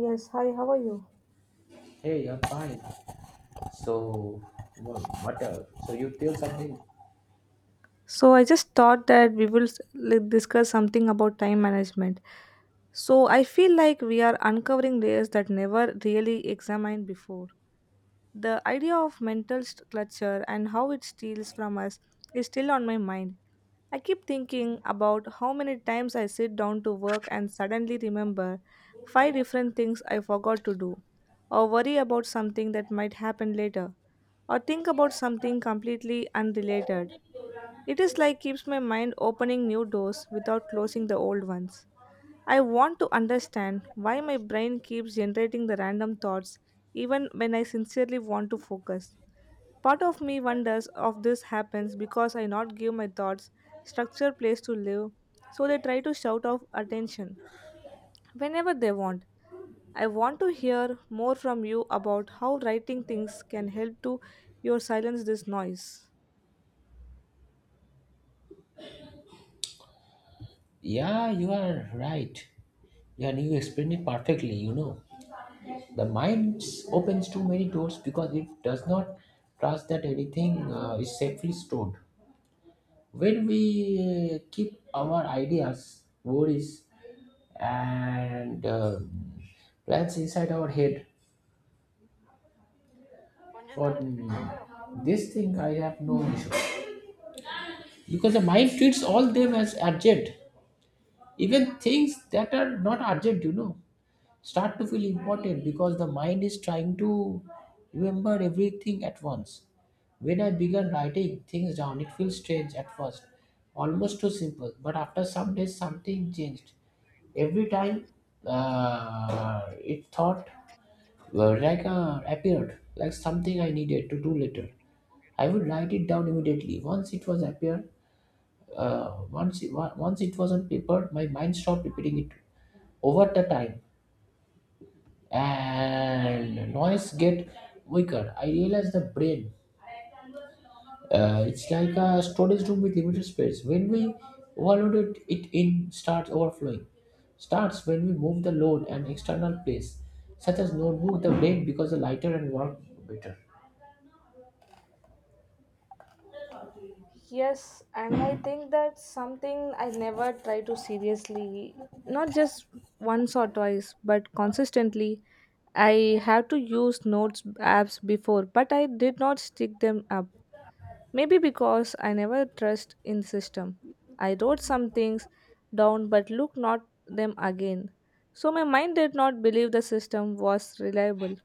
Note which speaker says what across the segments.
Speaker 1: Yes, hi, how are you?
Speaker 2: Hey, I'm fine. So, what else? So, you tell something?
Speaker 1: So I just thought that we will like, discuss something about time management. So I feel like we are uncovering layers that never really examined before. The idea of mental clutter and how it steals from us is still on my mind. I keep thinking about how many times I sit down to work and suddenly remember five different things I forgot to do, or worry about something that might happen later, or think about something completely unrelated. It is like keeps my mind opening new doors without closing the old ones. I want to understand why my brain keeps generating the random thoughts even when I sincerely want to focus. Part of me wonders if this happens because I not give my thoughts structure place to live, so they try to shout off attention whenever they want. I want to hear more from you about how writing things can help to your silence this noise.
Speaker 2: Yeah, you are right. Yeah, and you explained it perfectly. You know, the mind opens too many doors because it does not trust that anything is safely stored. When we keep our ideas, worries, and plans inside our head, for mm, this thing, I have no issue because the mind treats all them as urgent, even things that are not urgent, you know, start to feel important because the mind is trying to remember everything at once. When I began writing things down, it feels strange at first, almost too simple, but after some days something changed. Every time it thought, appeared like something I needed to do later, I would write it down immediately once it was appeared. Once once it was on paper, my mind stopped repeating it. Over the time, and noise get weaker. I realized the brain. It's like a storage room with limited space. When we overload it, it in starts overflowing. Starts when we move the load an external place, such as notebook, the brain becomes lighter and work better.
Speaker 1: Yes, and I think that's something I never try to seriously, not just once or twice, but consistently. I have to use notes apps before, but I did not stick them up. Maybe because I never trust in system. I wrote some things down but looked not them again. So my mind did not believe the system was reliable.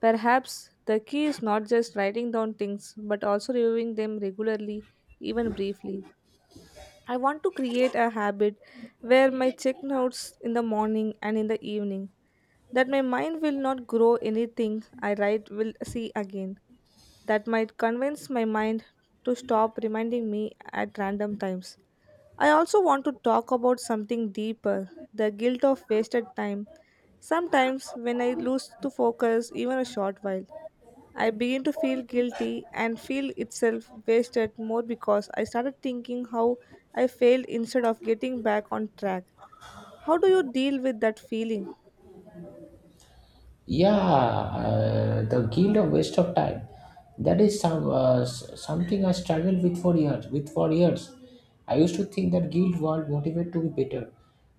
Speaker 1: Perhaps the key is not just writing down things but also reviewing them regularly, even briefly. I want to create a habit where my check notes in the morning and in the evening, that my mind will not grow anything I write will see again. That might convince my mind to stop reminding me at random times. I also want to talk about something deeper the guilt of wasted time. Sometimes, when I lose to focus even a short while, I began to feel guilty and feel itself wasted more because I started thinking how I failed instead of getting back on track. How do you deal with that feeling?
Speaker 2: Yeah, the guilt of waste of time. That is some something I struggled with for years. With for years, I used to think that guilt won't motivate to be better.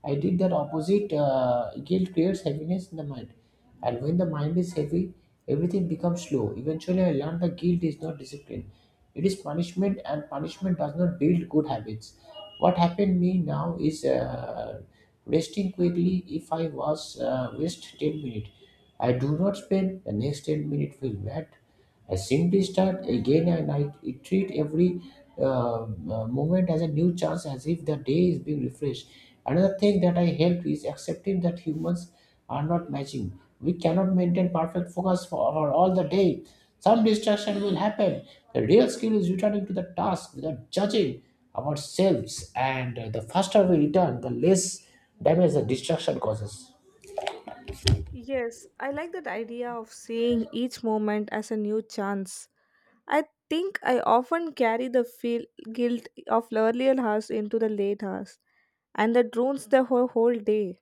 Speaker 2: I did that opposite. Guilt creates heaviness in the mind, and when the mind is heavy, everything becomes slow. Eventually, I learned that guilt is not discipline; it is punishment, and punishment does not build good habits. What happened to me now is. Resting quickly, if I was waste 10 minutes, I do not spend the next 10 minutes feel bad. I simply start again, and I treat every uh, moment as a new chance, as if the day is being refreshed. Another thing that I help is accepting that humans are not matching. We cannot maintain perfect focus for all the day. Some distraction will happen. The real skill is returning to the task without judging ourselves, and the faster we return, the less damage the distraction causes.
Speaker 1: Yes, I like that idea of seeing each moment as a new chance. I think I often carry the feel guilt of earlier hours into the late hours, and that ruins the whole day.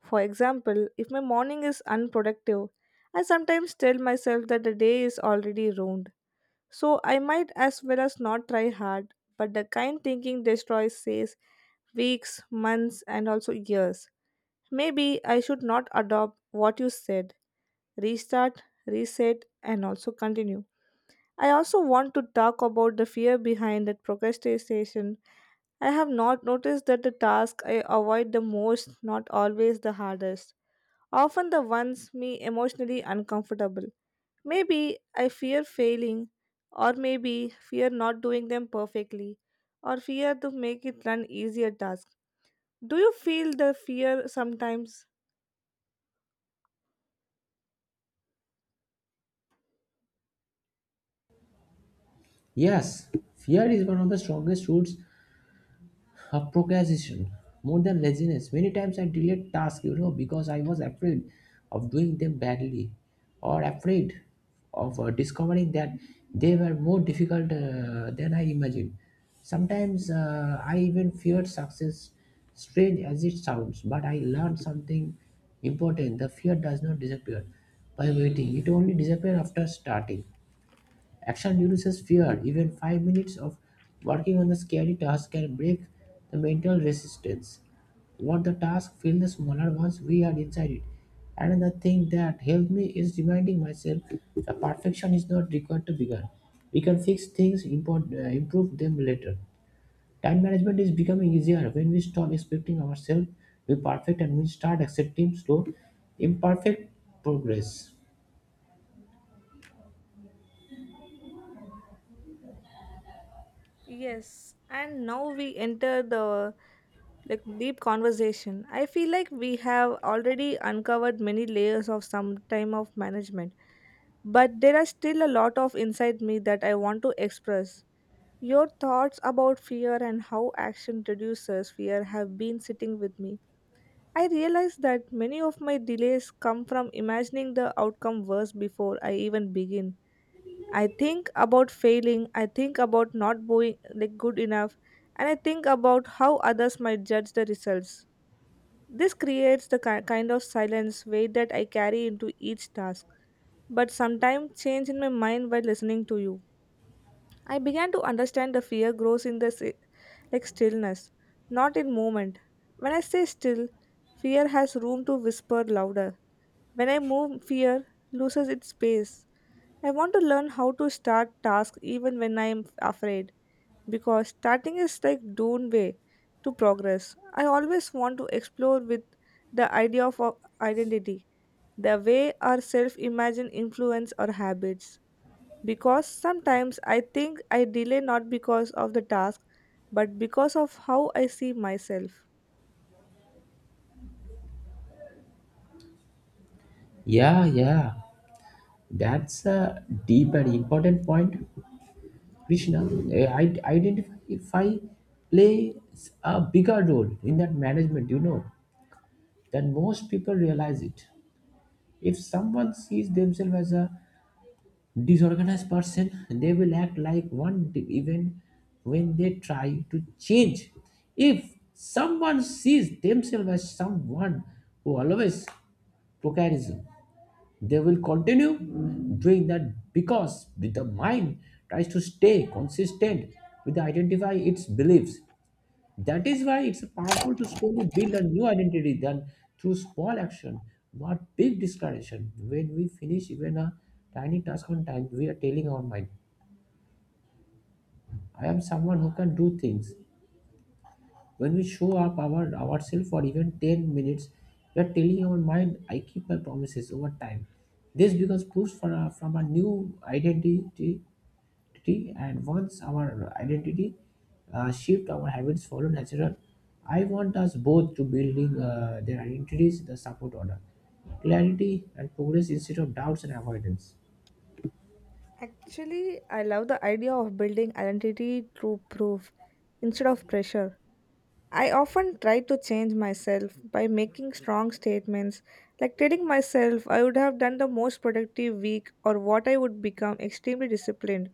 Speaker 1: For example, if my morning is unproductive, I sometimes tell myself that the day is already ruined. So I might as well as not try hard, but the kind thinking destroys says weeks, months, and also years. Maybe I should not adopt what you said. Restart, reset, and also continue. I also want to talk about the fear behind that procrastination. I have not noticed that the task I avoid the most, not always the hardest, often the ones me emotionally uncomfortable. Maybe I fear failing, or maybe fear not doing them perfectly, or fear to make it an easier task. Do you feel the fear sometimes?
Speaker 2: Yes, fear is one of the strongest roots a procrastination, more than laziness. Many times I delayed tasks, you know, because I was afraid of doing them badly, or afraid of discovering that they were more difficult than I imagined. Sometimes I even feared success, strange as it sounds, but I learned something important: the fear does not disappear by waiting, it only disappears after starting. Action reduces fear. Even 5 minutes of working on the scary task can break the mental resistance. What the task feel the smaller once we are inside it. Another thing that helped me is reminding myself that perfection is not required to begin. We can fix things, improve them later. Time management is becoming easier when we stop expecting ourselves to be perfect and we start accepting slow, imperfect progress.
Speaker 1: Yes, and now we enter the like deep conversation. I feel like we have already uncovered many layers of some time of management, but there are still a lot of inside me that I want to express. Your thoughts about fear and how action reduces fear have been sitting with me. I realized that many of my delays come from imagining the outcome worse before I even begin. I think about failing, I think about not being like good enough, and I think about how others might judge the results. This creates the kind of silence weight that I carry into each task, but sometimes change in my mind while listening to you. I began to understand the fear grows in the like stillness, not in movement. When I stay still, fear has room to whisper louder. When I move, fear loses its space. I want to learn how to start tasks even when I am afraid because starting is like doomed way to progress. I always want to explore with the idea of identity, the way our self-imagine influence our habits. Because sometimes I think I delay not because of the task, but because of how I see myself.
Speaker 2: Yeah, yeah. That's a deep and important point, Krishna. Identify plays a bigger role in that management, you know, than most people realize it. If someone sees themselves as a disorganized person, they will act like even when they try to change. If someone sees themselves as someone who always procrastinates, they will continue doing that because the mind tries to stay consistent with identify its beliefs. That is why it's powerful to slowly build a new identity than through small action, not big discretion. When we finish even a tiny task on time, we are telling our mind, I am someone who can do things. When we show up our ourselves for even 10 minutes, we are telling our mind, I keep my promises over time. This becomes proof for our, from our new identity, identity, and once our identity shift, our habits follow natural. I want us both to building their identities, the support order, clarity and progress instead of doubts and avoidance.
Speaker 1: Actually, I love the idea of building identity through proof instead of pressure. I often try to change myself by making strong statements, like telling myself I would have done the most productive week or what I would become extremely disciplined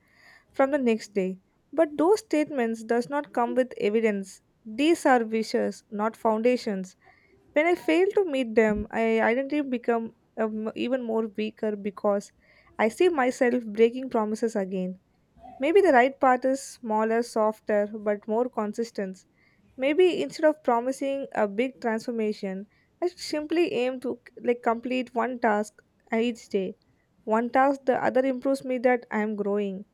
Speaker 1: from the next day. But those statements does not come with evidence. These are wishes, not foundations. When I fail to meet them, I identity become even more weaker because I see myself breaking promises again. Maybe the right path is smaller, softer, but more consistent. Maybe instead of promising a big transformation, I should simply aim to like complete one task each day. One task the other improves me that I am growing.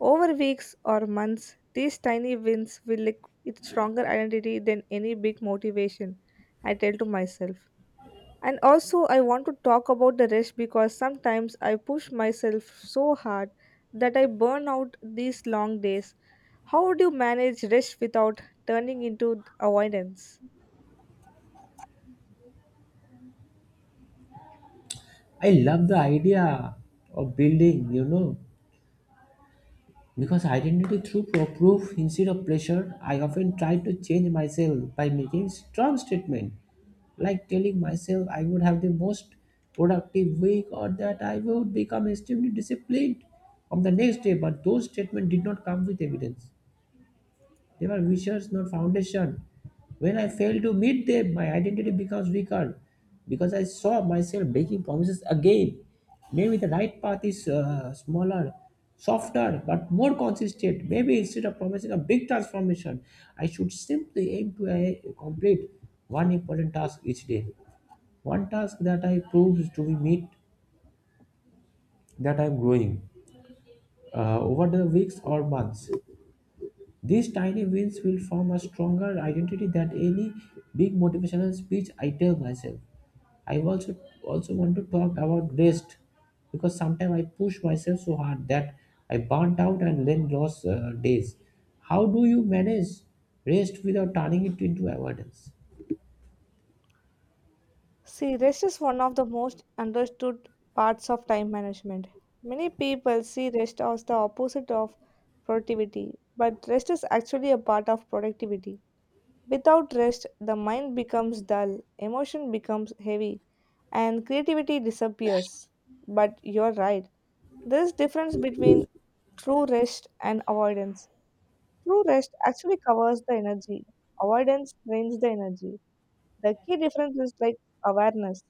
Speaker 1: Over weeks or months, these tiny wins will like its stronger identity than any big motivation. I tell to myself. And also, I want to talk about the rest because sometimes I push myself so hard that I burn out these long days. How would you manage rest without turning into avoidance?
Speaker 2: I love the idea of building, you know, because identity through proof instead of pressure, I often try to change myself by making strong statement, like telling myself I would have the most productive week or that I would become extremely disciplined on the next day. But those statements did not come with evidence. They were wishes, not foundation. When I fail to meet them, my identity becomes weaker because I saw myself breaking promises again. Maybe the right path is smaller, softer, but more consistent. Maybe instead of promising a big transformation, I should simply aim to complete one important task each day. One task that I proves to be meet that I'm growing over the weeks or months. These tiny wins will form a stronger identity than any big motivational speech I tell myself. I also want to talk about rest because sometimes I push myself so hard that I burnt out and then lost days. How do you manage rest without turning it into avoidance?
Speaker 1: See, rest is one of the most understood parts of time management. Many people see rest as the opposite of productivity, but rest is actually a part of productivity. Without rest, the mind becomes dull, emotion becomes heavy, and creativity disappears. But you're right. There is difference between true rest and avoidance. True rest actually covers the energy. Avoidance drains the energy. The key difference is like awareness.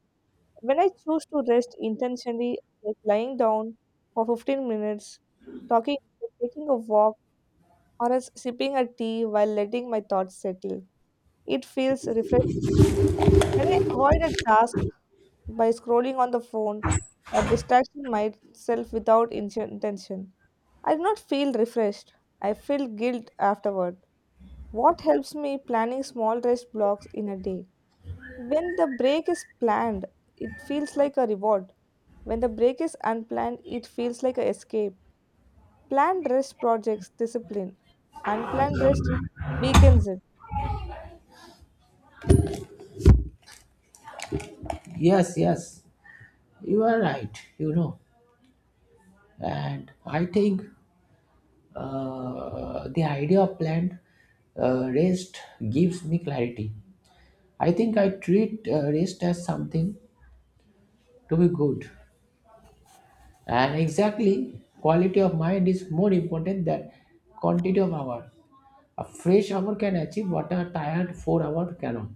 Speaker 1: When I choose to rest intentionally, like lying down for 15 minutes, talking, taking a walk, or else sipping a tea while letting my thoughts settle, it feels refreshing. When I avoid a task by scrolling on the phone or distracting myself without intention, I do not feel refreshed. I feel guilt afterward. What helps me planning small rest blocks in a day? When the break is planned, it feels like a reward. When the break is unplanned, it feels like an escape. Planned rest projects discipline. Unplanned rest weakens it.
Speaker 2: Yes, yes, you are right. You know, and I think the idea of planned rest gives me clarity. I think I treat rest as something to be good. And exactly, quality of mind is more important than quantity of hour. A fresh hour can achieve what a tired 4 hour cannot.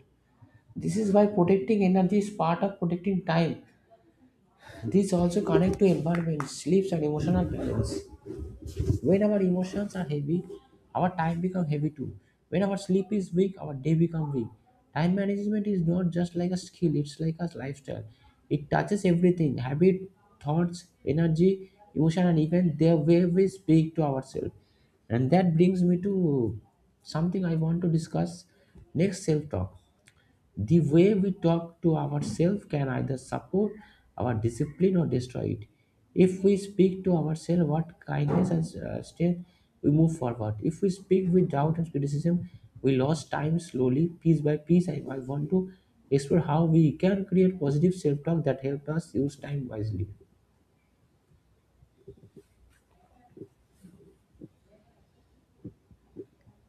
Speaker 2: This is why protecting energy is part of protecting time. This also connects to environment, sleeps, and emotional balance. When our emotions are heavy, our time become heavy too. When our sleep is weak, our day become weak. Time management is not just like a skill, it's like a lifestyle. It touches everything habit, thoughts, energy, emotion, and even the way we speak to ourselves. And that brings me to something I want to discuss next: self talk. The way we talk to ourselves can either support our discipline or destroy it. If we speak to ourselves with kindness and strength, we move forward. If we speak with doubt and criticism, we lose time slowly, piece by piece. I want to explore how we can create positive self talk that helps us use time wisely.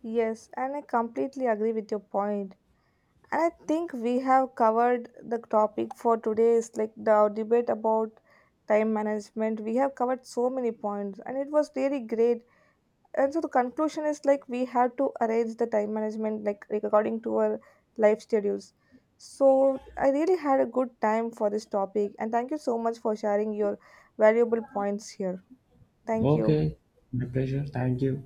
Speaker 1: Yes, and I completely agree with your point. And I think we have covered the topic for today is like the debate about time management. We have covered so many points and it was really great. And so the conclusion is like we have to arrange the time management like according to our life schedules. So I really had a good time for this topic and thank you so much for sharing your valuable points here. Thank you.
Speaker 2: Okay, my pleasure. Thank you.